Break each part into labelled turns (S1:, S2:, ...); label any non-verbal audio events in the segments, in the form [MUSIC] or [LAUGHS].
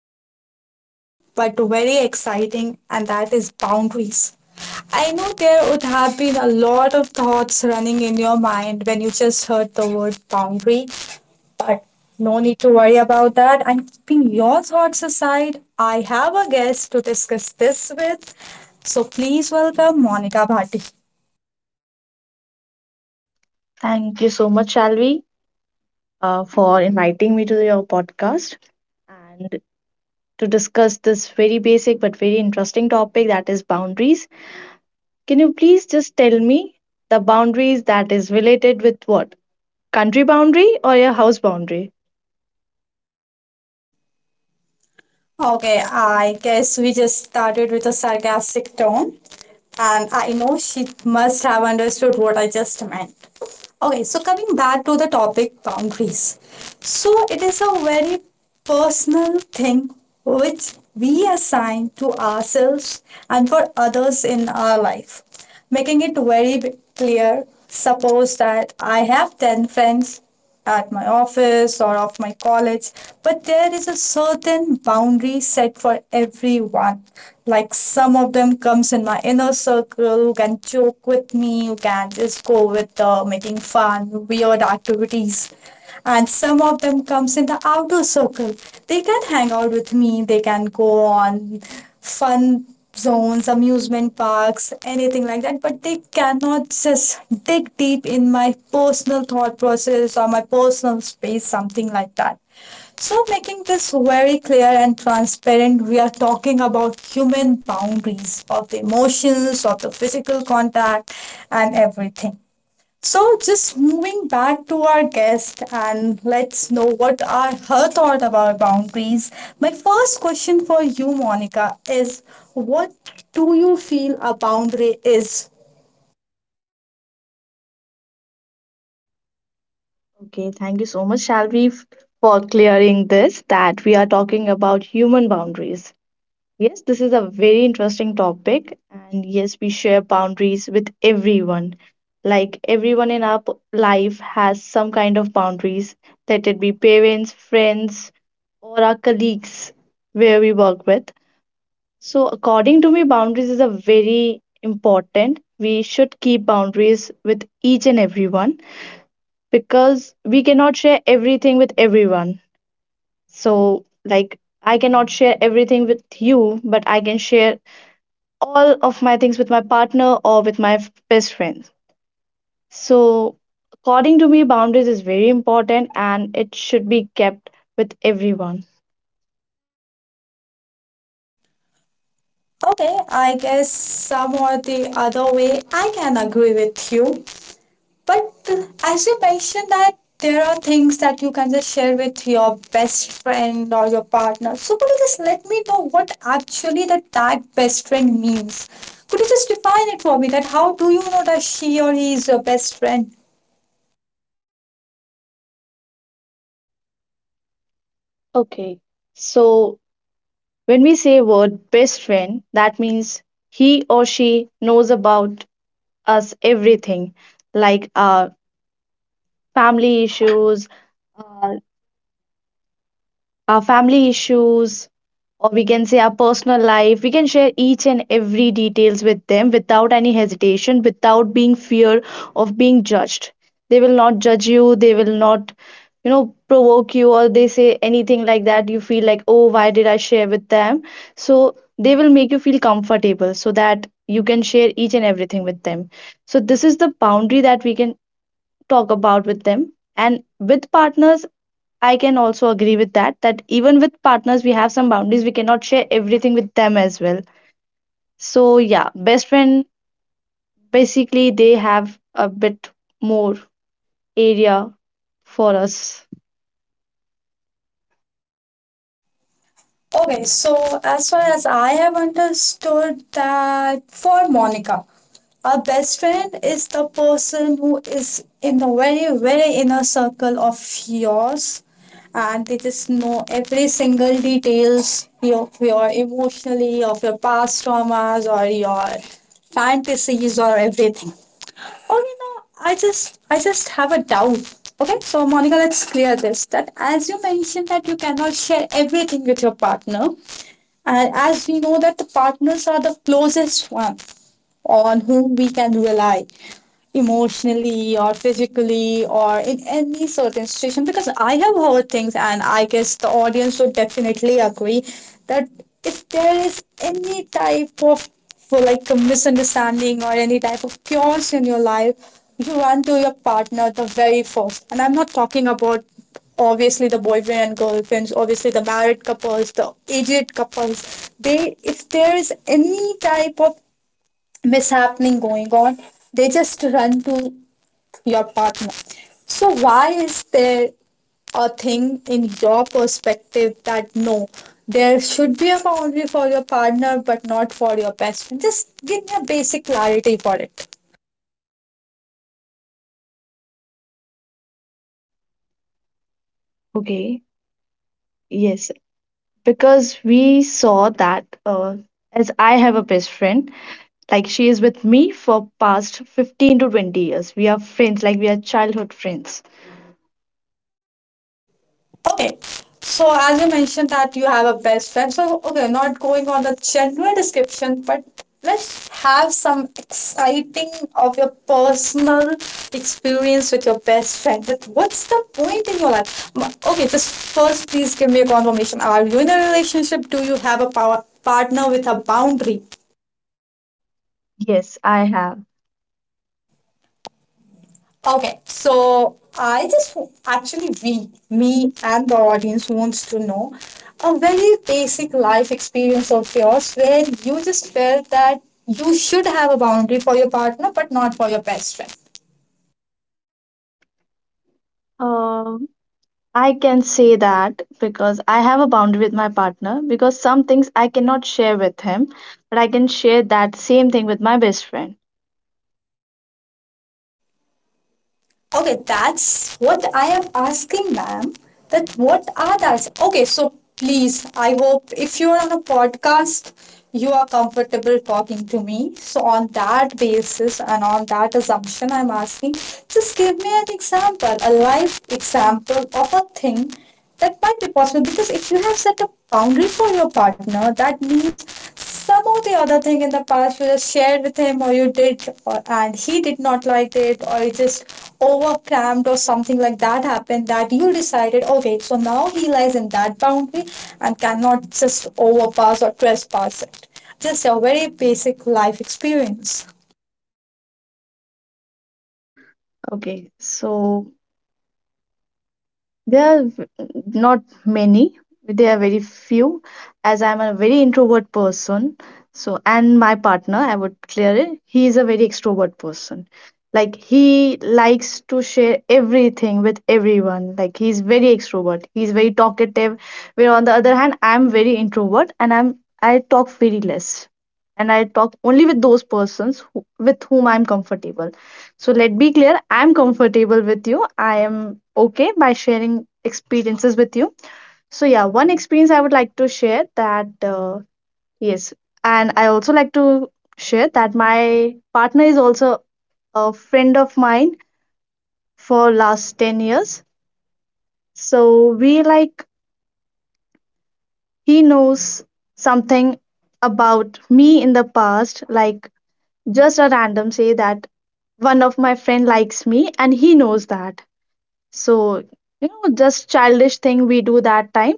S1: very basic but very exciting, and that is boundaries. I know there would have been a lot of thoughts running in your mind when you just heard the word boundary, but no need to worry about that. And keeping your thoughts aside, I have a guest to discuss this with. So please welcome Monica Bhatti.
S2: Thank you so much, Shalvi, for inviting me to your podcast and to discuss this very basic but very interesting topic that is boundaries. Can you please just tell me the boundaries that is related with what? Country boundary or your house boundary?
S1: Okay, I guess we just started with a sarcastic tone, and I know she must have understood what I just meant. Okay, so coming back to the topic boundaries. So, it is a very personal thing which we assign to ourselves and for others in our life. Making it very clear, suppose that I have 10 friends at my office or of my college, but there is a certain boundary set for everyone. Like some of them comes in my inner circle, who can joke with me, who can just go with making fun, weird activities. And some of them comes in the outer circle. They can hang out with me. They can go on fun zones, amusement parks, anything like that, but they cannot just dig deep in my personal thought process or my personal space, something like that. So, making this very clear and transparent, we are talking about human boundaries of the emotions, of the physical contact, and everything. So, just moving back to our guest, and let's know what are her thought about boundaries. My first question for you, Monica, is what do you feel a boundary is?
S2: Okay, thank you so much, Shalvi, for clearing this that we are talking about human boundaries. Yes, this is a very interesting topic, and yes, we share boundaries with everyone. Like everyone in our life has some kind of boundaries, let it be parents, friends, or our colleagues where we work with. So, according to me, boundaries is a very important. We should keep boundaries with each and everyone because we cannot share everything with everyone. So, like, I cannot share everything with you, but I can share all of my things with my partner or with my best friends. So, according to me, boundaries is very important and it should be kept with everyone.
S1: Okay, I guess some or the other way I can agree with you. But as you mentioned that there are things that you can just share with your best friend or your partner. So could you just let me know what actually the tag best friend means? Could you just define it for me, that how do you know that she or he is your best friend?
S2: Okay. So, when we say word best friend, that means he or she knows about us everything, like our family issues, uh, our family issues, or we can say our personal life we can share each and every details with them without any hesitation, without being fear of being judged. They will not judge you. They will not, provoke you or they say anything like that you feel like, oh, why did I share with them? So they will make you feel comfortable so that you can share each and everything with them. So this is the boundary that we can talk about with them. And with partners, I can also agree with that, that even with partners, we have some boundaries. We cannot share everything with them as well. So, yeah, best friend basically they have a bit more area for us.
S1: Okay, so as far as I have understood, that for Monica, a best friend is the person who is in the very, very inner circle of yours, and they just know every single details of your emotionally, of your past traumas or your fantasies or everything. Okay, now I just have a doubt. Okay, so Monica, let's clear this. That as you mentioned that you cannot share everything with your partner, and as we know that the partners are the closest one on whom we can rely emotionally or physically or in any certain situation, because I have heard things, and I guess the audience would definitely agree that if there is any type of, for like, a misunderstanding or any type of chaos in your life, you run to your partner the very first. And I'm not talking about obviously the boyfriend and girlfriends, obviously the married couples, the aged couples. They, if there is any type of mishappening going on, they just run to your partner. So, why is there a thing in your perspective that no, there should be a boundary for your partner but not for your best friend? Just give me a basic clarity for it.
S2: Okay, yes, because we saw that as I have a best friend, like she is with me for past 15 to 20 years. We are friends, like we are childhood friends.
S1: Okay. So as you mentioned that you have a best friend. So okay, not going on the general description, but let's have some exciting of your personal experience with your best friend. That what's the point in your life? Okay, just first please give me a confirmation. Are you in a relationship? Do you have a power partner with a boundary?
S2: Yes, I have.
S1: Okay, so I just, actually, we me and the audience wants to know a very basic life experience of yours, where you just felt that you should have a boundary for your partner but not for your best friend.
S2: Um, I can say that because I have a boundary with my partner because some things I cannot share with him, but I can share that same thing with my best friend.
S1: Okay, that's what I am asking, ma'am. That what are that? Okay, so please, I hope if you are on a podcast, you are comfortable talking to me. So on that basis and on that assumption, I'm asking, just give me an example, a life example of a thing that might be possible, because if you have set a boundary for your partner, that means some or the other thing in the past you just shared with him, or you did, or, and he did not like it, or you just overcramped or something like that happened, that you decided okay, so now he lies in that boundary and cannot just overpass or trespass it. Just a very basic life experience.
S2: Okay, so there are not many, there are very few, as I'm a very introvert person. So, and my partner, I would clear it, he is a very extrovert person. Like, he likes to share everything with everyone. Like, he's very extrovert, he's very talkative. Where on the other hand, I'm very introvert and I talk very less. And I talk only with those persons who, with whom I'm comfortable. So let be clear, I am comfortable with you. I am okay by sharing experiences with you. So yeah, one experience I would like to share that yes, and I also like to share that my partner is also a friend of mine for last 10 years. So we like he knows something about me in the past, like just a random say that one of my friend likes me and he knows that. So, you know, just childish thing we do that time.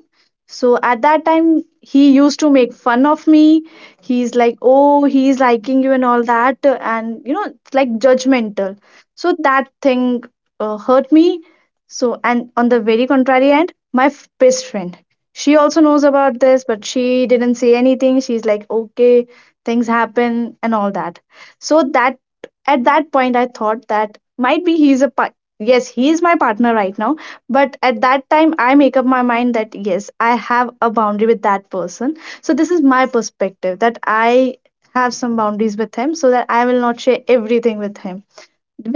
S2: So at that time he used to make fun of me. He's like, oh, he's liking you and all that, and you know, it's like judgmental. So that thing hurt me. So and on the very contrary end, my best friend, she also knows about this, but she didn't say anything. She's like, okay, things happen and all that. So that at that point I thought that might be he's a, yes, he is my partner right now, but at that time I make up my mind that yes, I have a boundary with that person. So this is my perspective that I have some boundaries with him so that I will not share everything with him.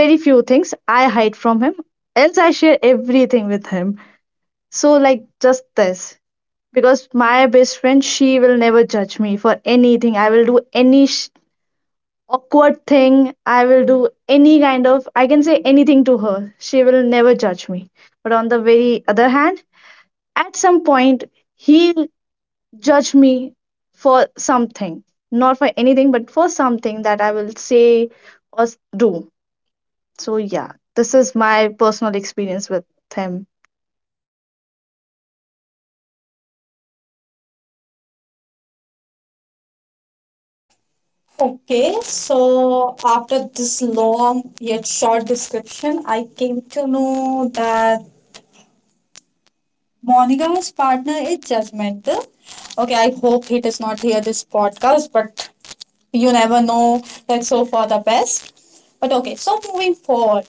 S2: Very few things I hide from him, else I share everything with him. So like just this, because my best friend, she will never judge me for anything I will do. Any awkward thing. I will do any kind of, I can say anything to her. She will never judge me. But on the very other hand, at some point, he'll judge me for something, not for anything, but for something that I will say or do. So, yeah, this is my personal experience with him.
S1: Okay, so after this long yet short description, I came to know that Monica's partner is judgmental. Okay, I hope he does not hear this podcast, but you never know. That's so for the best. But okay, so moving forward,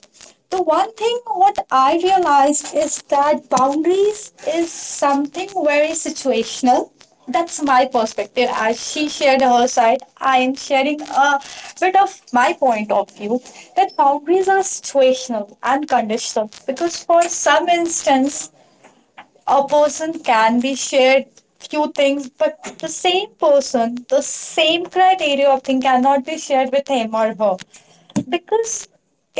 S1: the one thing what I realized is that boundaries is something very situational. That's my perspective. As she shared her side, I am sharing a bit of my point of view that boundaries are situational and conditional, because for some instance a person can be shared few things, but the same person, the same criteria of thing cannot be shared with him or her, because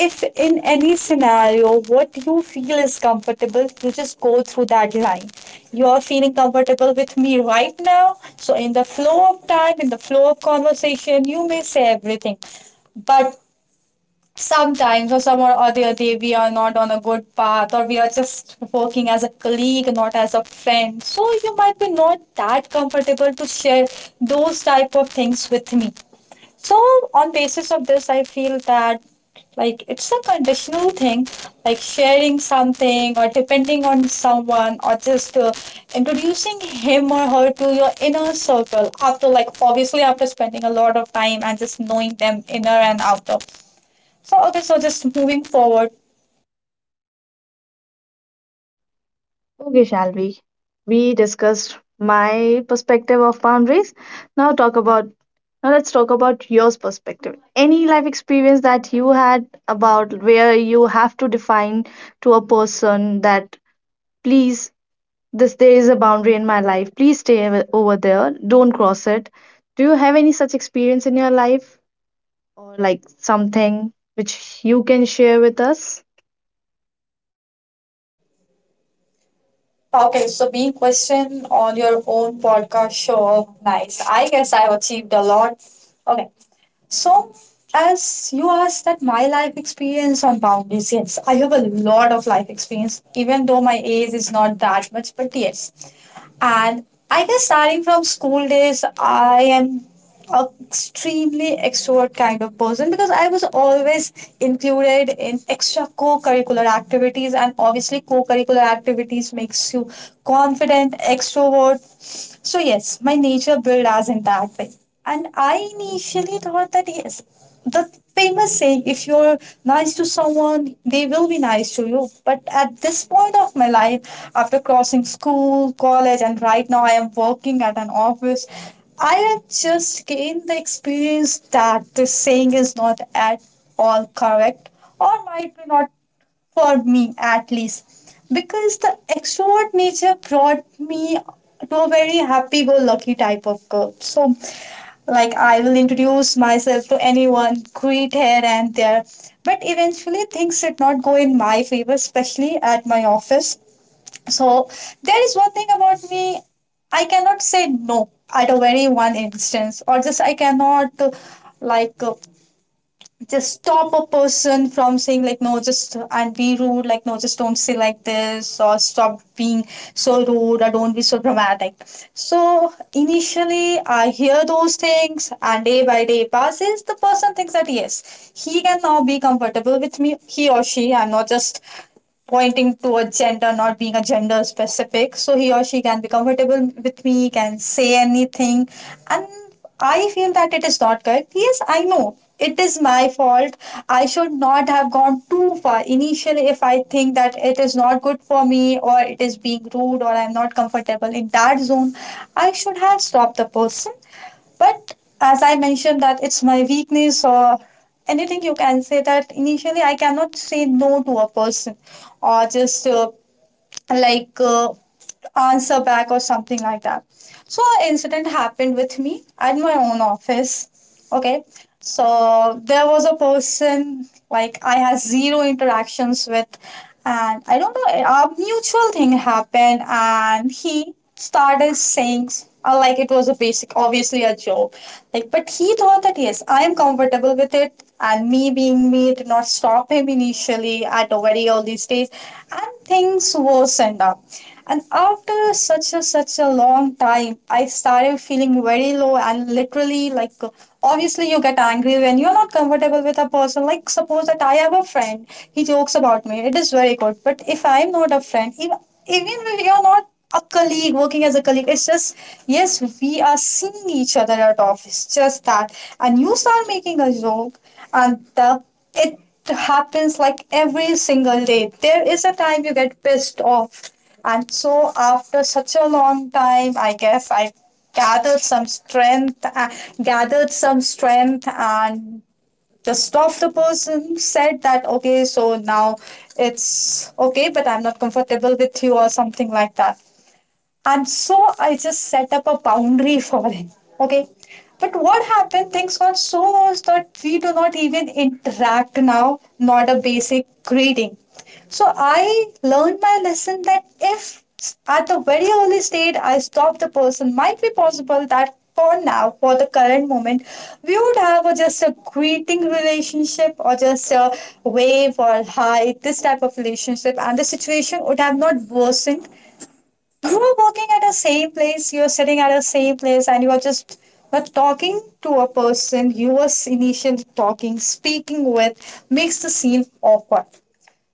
S1: if in any scenario what you feel is comfortable, you just go through that line. You are feeling comfortable with me right now, so in the flow of time, in the flow of conversation, you may say everything, but sometimes or some or other day we are not on a good path, or we are just working as a colleague, not as a friend, so you might be not that comfortable to share those type of things with me. So on basis of this, I feel that, like, it's a conditional thing, like sharing something or depending on someone or just introducing him or her to your inner circle after, like, obviously after spending a lot of time and just knowing them inner and outer. So okay, so just moving forward.
S2: Okay, Shalvi. We discussed my perspective of boundaries. Now talk about now let's talk about yours perspective. Any life experience that you had about where you have to define to a person that, please, this there is a boundary in my life. Please stay over there. Don't cross it. Do you have any such experience in your life or like something which you can share with us?
S1: Okay, so being questioned on your own podcast show, nice. I guess I've achieved a lot. Okay, so as you asked that my life experience on boundaries, yes, I have a lot of life experience, even though my age is not that much, but yes. And I guess starting from school days, I am a extremely extrovert kind of person, because I was always included in extra co-curricular activities, and obviously co-curricular activities makes you confident, extrovert. So yes, my nature built as in that way. And I initially thought that yes, the famous saying, if you're nice to someone they will be nice to you. But at this point of my life, after crossing school, college, and right now I am working at an office, I have just gained the experience that this saying is not at all correct, or might be not for me at least, because the extrovert nature brought me to a very happy go lucky type of girl. So like, I will introduce myself to anyone, greet here and there, but eventually things did not go in my favor, especially at my office. So there is one thing about me, I cannot say no at a very one instance, or just I cannot, like uh, just stop a person from saying, like, no, just, and be rude, like, no, just don't say like this, or stop being so rude, or don't be so dramatic. So initially I hear those things, and day by day passes, the person thinks that yes, he can now be comfortable with me. He or she, I'm not just pointing towards gender, not being a gender specific. So he or she can be comfortable with me, can say anything. And I feel that it is not correct. Yes, I know. It is my fault. I should not have gone too far. Initially, if I think that it is not good for me or it is being rude or I'm not comfortable in that zone, I should have stopped the person, but as I mentioned that it's my weakness, or anything you can say, that initially I cannot say no to a person, or just like uh, answer back or something like that. So an incident happened with me at my own office. Okay. So there was a person, like, I had zero interactions with, and I don't know, a mutual thing happened and he started saying, like, it was a basic, obviously a joke. Like, but he thought that yes, I am comfortable with it, and me being me did not stop him initially at very these days, and things worsened up. And after such a long time, I started feeling very low and literally like, obviously you get angry when you're not comfortable with a person. Like suppose that I have a friend, he jokes about me. It is very good. But if I'm not a friend, even if you're not a colleague working as a colleague, it's just yes, we are seeing each other at office, just that and you start making a joke and the it happens like every single day. There is a time you get pissed off. And so after such a long time, I guess I gathered some strength, gathered some strength and just stopped the person, said that okay, so now it's okay, but I'm not comfortable with you or something like that. And so I just set up a boundary [LAUGHS] for him. Okay. But what happened? Things got so worse that we do not even interact now, not a basic greeting. So I learned my lesson that if at the very early stage I stop the person, might be possible that for now, for the current moment, we would have a, just a greeting relationship or just a wave or hi, this type of relationship, and the situation would have not worsened. You're working at a same place, you're sitting at a same place, and you are just but talking to a person you were initially talking, speaking with makes the scene awkward.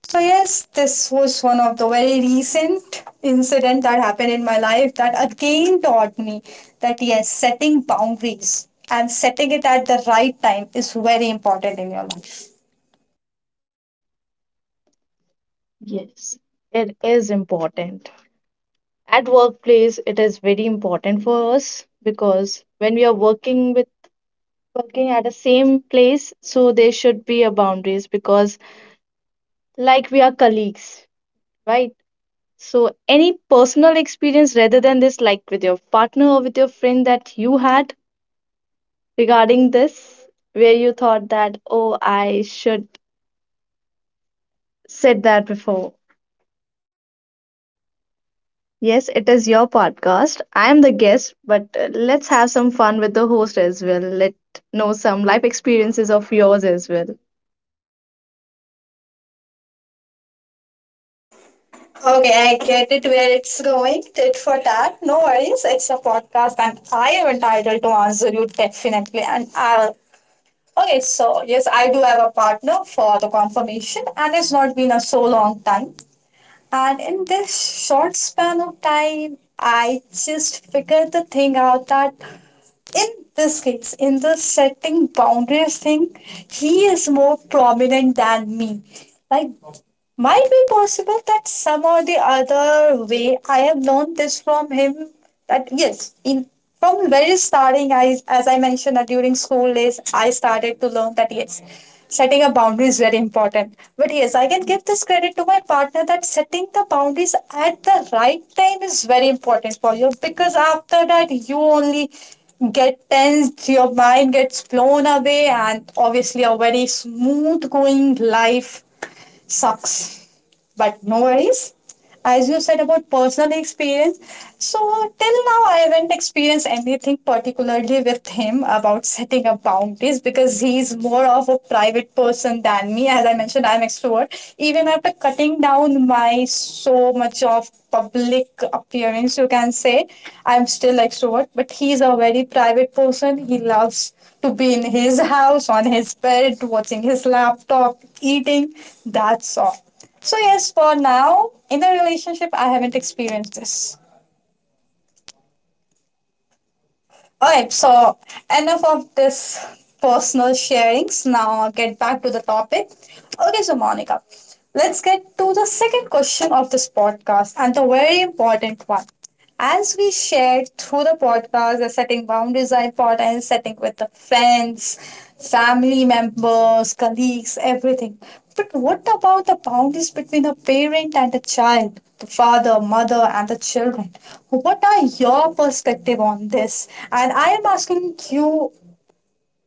S1: So yes, this was one of the very recent incident that happened in my life that again taught me that yes, setting boundaries and setting it at the right time is very important in your life.
S2: Yes, it is important. At workplace, it is very important for us because when we are working at the same place, so there should be a boundaries because like we are colleagues, right? So any personal experience rather than this, like with your partner or with your friend that you had regarding this, where you thought that, oh, I should said that before. Yes, it is your podcast. I am the guest, but let's have some fun with the host as well. Let know some life experiences of yours as well.
S1: Okay, I get it where it's going. Tit for tat. No worries. It's a podcast and I am entitled to answer you definitely. And I'll. Okay, so yes, I do have a partner for the confirmation and it's not been a so long time. And in this short span of time, I just figured the thing out that in this case, in the setting boundaries thing, he is more prominent than me. Like might be possible that some or the other way I have learned this from him. That yes, in from very starting, I as I mentioned that during school days, I started to learn that yes, setting a boundary is very important. But yes, I can give this credit to my partner that setting the boundaries at the right time is very important for you, because after that you only get tensed, your mind gets blown away, and obviously a very smooth going life sucks. But no worries. As you said about personal experience, so till now I haven't experienced anything particularly with him about setting up boundaries because he's more of a private person than me. As I mentioned, I'm extrovert. Even after cutting down my so much of public appearance, you can say, I'm still extrovert. But he's a very private person. He loves to be in his house, on his bed, watching his laptop, eating. That's all. So yes, for now, in the relationship, I haven't experienced this. Alright, so enough of this personal sharings. Now get back to the topic. Okay, so Monica, let's get to the second question of this podcast and the very important one. As we shared through the podcast, the setting boundaries are important, setting with the friends, family members, colleagues, everything. But what about the boundaries between a parent and a child, the father, mother, and the children? What are your perspective on this? And I am asking you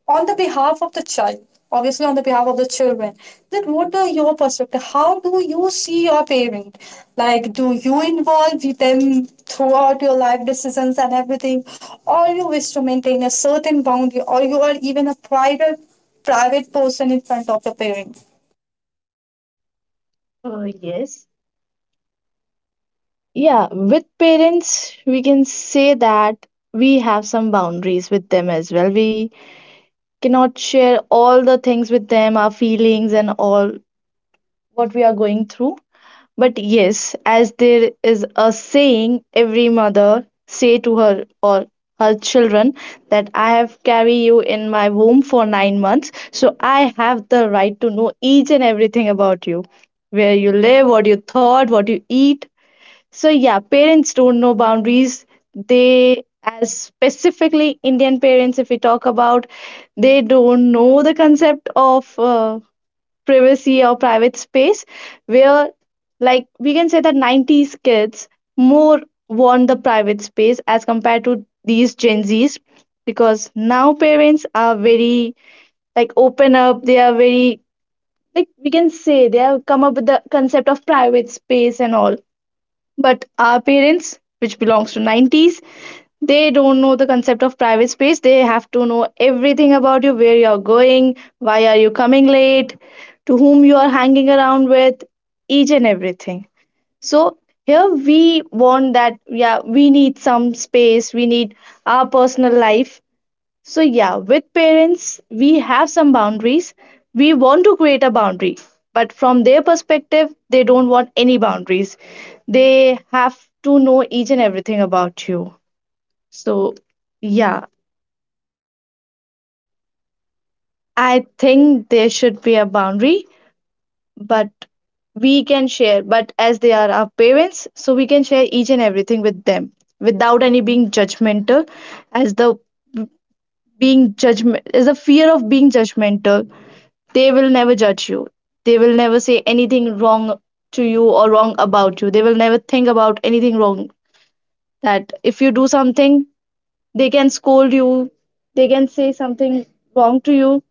S1: on the behalf of the child, obviously on the behalf of the children, that what are your perspective? How do you see your parent? Like, do you involve them throughout your life decisions and everything, or you wish to maintain a certain boundary, or you are even a private person in front of your parents?
S2: Oh yes. Yeah, with parents, we can say that we have some boundaries with them as well. We cannot share all the things with them, our feelings and all what we are going through. But yes, as there is a saying every mother say to her or her children that I have carry you in my womb for 9 months, so I have the right to know each and everything about you. Where you live, what you thought, what you eat. So yeah, parents don't know boundaries. They, as specifically Indian parents if we talk about, they don't know the concept of privacy or private space. Where, like, we can say that 90s kids more want the private space as compared to these gen z's, because now parents are very, like, open up. They are very, like, we can say they have come up with the concept of private space and all. But our parents, which belongs to 90s, they don't know the concept of private space. They have to know everything about you, where you're going, why are you coming late, to whom you are hanging around with, each and everything. So here we want that, yeah, we need some space, we need our personal life. So, yeah, with parents, we have some boundaries. We want to create a boundary, but from their perspective, they don't want any boundaries. They have to know each and everything about you. So, yeah, I think there should be a boundary, but we can share. But as they are our parents, so we can share each and everything with them without any being judgmental, as the being judgment as the fear of being judgmental. They will never judge you. They will never say anything wrong to you or wrong about you. They will never think about anything wrong. That if you do something, they can scold you, they can say something wrong to you,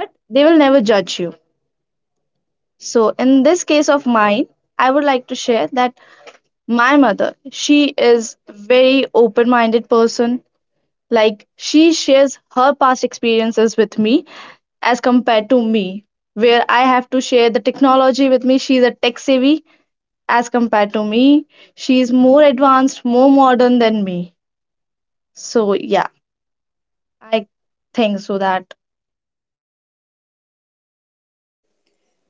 S2: but they will never judge you. So, in this case of mine, I would like to share that my mother, she is very open minded person. Like, she shares her past experiences with me. As compared to me, where I have to share the technology with me. She's a tech savvy as compared to me. She's more advanced, more modern than me. So yeah, I think so that.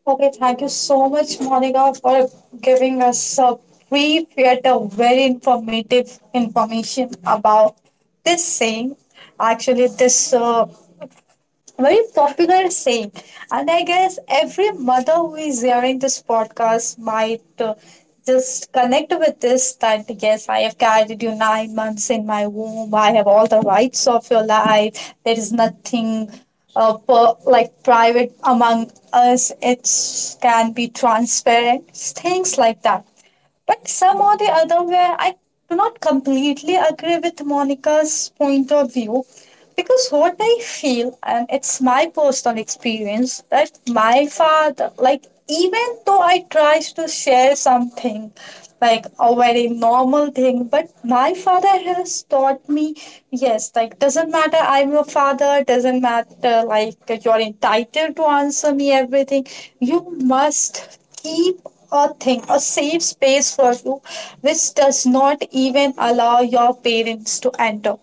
S1: Okay, thank you so much, Monica, for giving us a brief yet a very informative information about this saying. Actually, this very popular saying. And I guess every mother who is hearing this podcast might just connect with this that yes, I have carried you 9 months in my womb. I have all the rights of your life. There is nothing. Per, like, private among us, it can be transparent, things like that. But somehow the other way, I do not completely agree with Monica's point of view because what I feel, and it's my personal experience, that my father, like, even though I tries to share something, like a very normal thing, but my father has taught me, yes, like, doesn't matter, I'm your father, doesn't matter, like, you're entitled to answer me everything. You must keep a thing, a safe space for you, which does not even allow your parents to enter.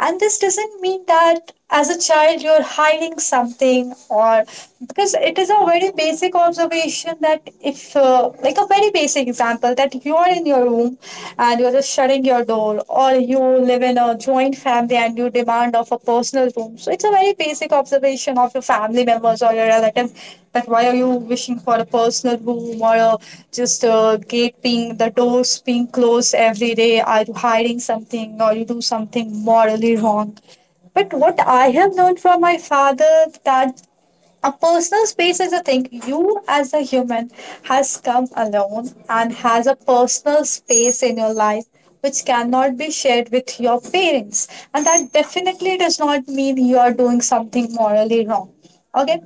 S1: And this doesn't mean that as a child you're hiding something or, because it is a very basic observation that if like a very basic example that you are in your room and you're just shutting your door, or you live in a joint family and you demand of a personal room, so it's a very basic observation of your family members or your relatives, that why are you wishing for a personal room or a, just a gate being, the doors being closed every day, are you hiding something or you do something morally wrong? But what I have learned from my father that a personal space is a thing you as a human has come alone and has a personal space in your life, which cannot be shared with your parents, and that definitely does not mean you are doing something morally wrong. Okay.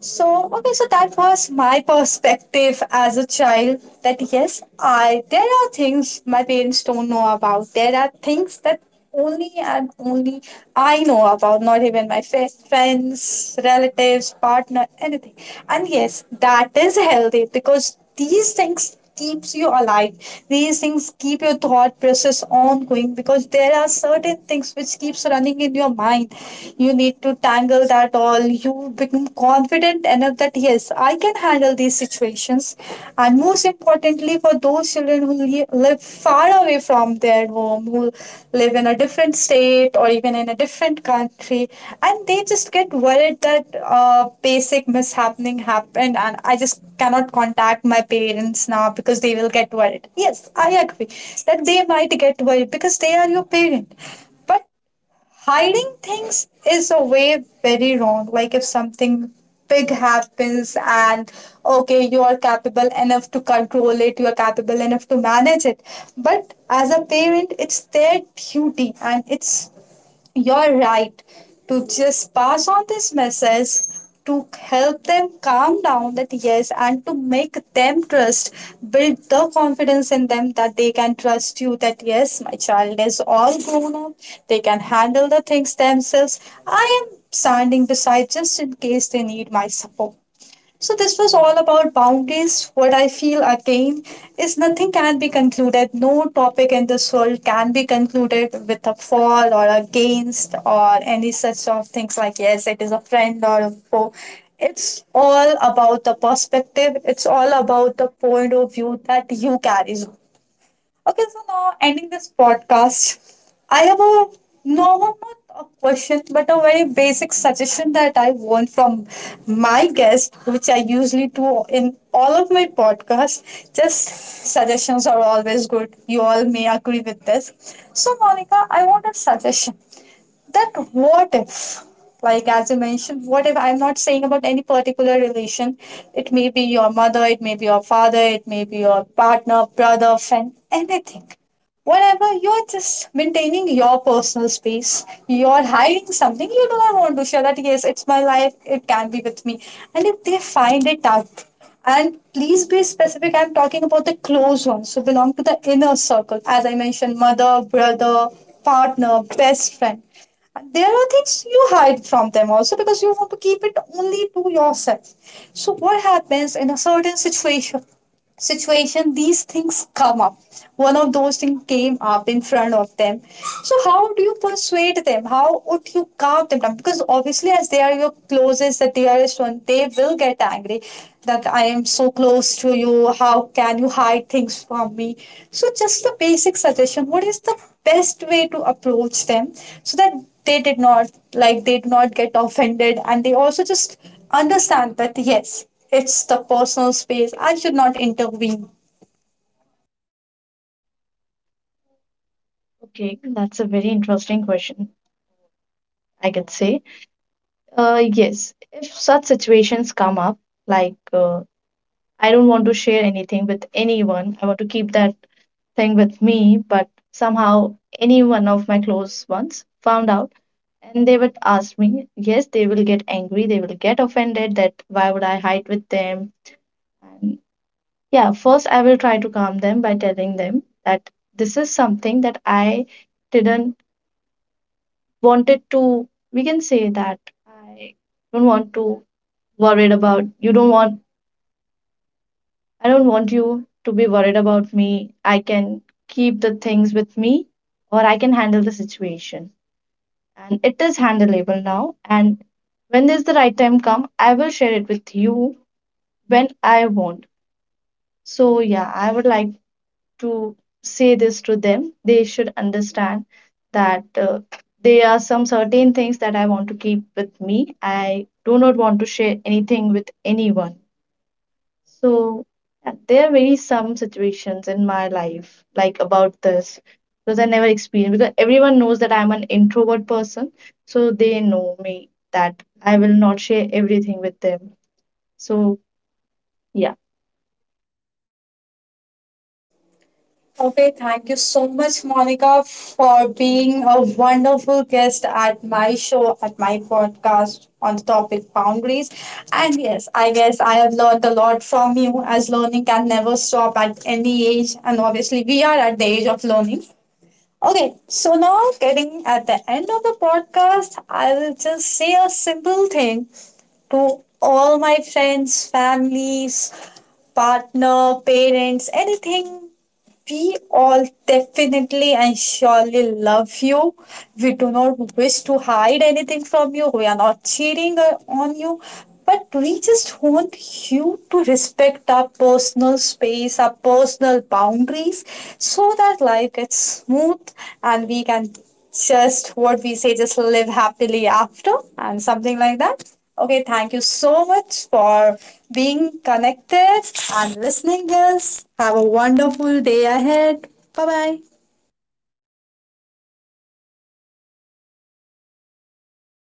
S1: So that was my perspective as a child, that yes, I there are things my parents don't know about, there are things that only and only I know about, not even my friends, relatives, partner, anything. And yes, that is healthy because these things keeps you alive. These things keep your thought process ongoing because there are certain things which keeps running in your mind. You need to tangle that all. You become confident enough that yes, I can handle these situations. And most importantly, for those children who live far away from their home, who live in a different state or even in a different country, and they just get worried that basic mishappening happened and I just cannot contact my parents now because they will get worried. Yes, I agree that they might get worried because they are your parent. But hiding things is a way very wrong. Like if something big happens and okay, you are capable enough to control it, you are capable enough to manage it. But as a parent, it's their duty and it's you're right. To just pass on this message to help them calm down, that yes, and to make them trust, build the confidence in them that they can trust you, that yes, my child is all grown up, they can handle the things themselves, I am standing beside just in case they need my support. So, this was all about boundaries. What I feel again is nothing can be concluded. No topic in this world can be concluded with a for or against or any such sort of things like, yes, it is a friend or a foe. It's all about the perspective, it's all about the point of view that you carry. Okay, so now ending this podcast, I have a no, not a question, but a very basic suggestion that I want from my guest, which I usually do in all of my podcasts. Just suggestions are always good. You all may agree with this. So, Monica, I want a suggestion that what if, like as you mentioned, what if, I'm not saying about any particular relation, it may be your mother, it may be your father, it may be your partner, brother, friend, anything, whatever, you're just maintaining your personal space, you're hiding something, you do not want to share that yes, it's my life, it can be with me. And if they find it out, and please be specific, I'm talking about the close ones who belong to the inner circle, as I mentioned, mother, brother, partner, best friend, there are things you hide from them also because you want to keep it only to yourself. So what happens in a certain situation, these things come up, one of those things came up in front of them, so how do you persuade them, how would you calm them down, because obviously as they are your closest, the dearest one, they will get angry that I am so close to you, how can you hide things from me? So just the basic suggestion, what is the best way to approach them so that they did not, like, they do not get offended and they also just understand that yes, it's the personal space. I should not intervene.
S2: Okay, that's a very interesting question, I can say. Yes, if such situations come up, like, I don't want to share anything with anyone, I want to keep that thing with me, but somehow any one of my close ones found out and they would ask me. Yes, they will get angry, they will get offended that why would I hide with them? And yeah, first I will try to calm them by telling them that this is something that I didn't wanted to, we can say that, I don't want to worried about you don't want I don't want you to be worried about me. I can keep the things with me or I can handle the situation. And it is handleable now. And when is the right time come, I will share it with you when I want. So yeah, I would like to say this to them. They should understand that there are some certain things that I want to keep with me. I do not want to share anything with anyone. So there are very some situations in my life like about this, because I never experienced, because everyone knows that I'm an introvert person, so they know me that I will not share everything with them. So yeah.
S1: Okay, thank you so much, Monica, for being a wonderful guest at my show, at my podcast on the topic boundaries. And yes, I guess I have learned a lot from you, as learning can never stop at any age. And obviously, we are at the age of learning. Okay, so now getting at the end of the podcast, I will just say a simple thing to all my friends, families, partner, parents, anything, we all definitely and surely love you. We do not wish to hide anything from you. We are not cheating on you. But we just want you to respect our personal space, our personal boundaries, so that life gets smooth and we can just, what we say, just live happily after and something like that. Okay, thank you so much for being connected and listening us. Have a wonderful day ahead. Bye bye.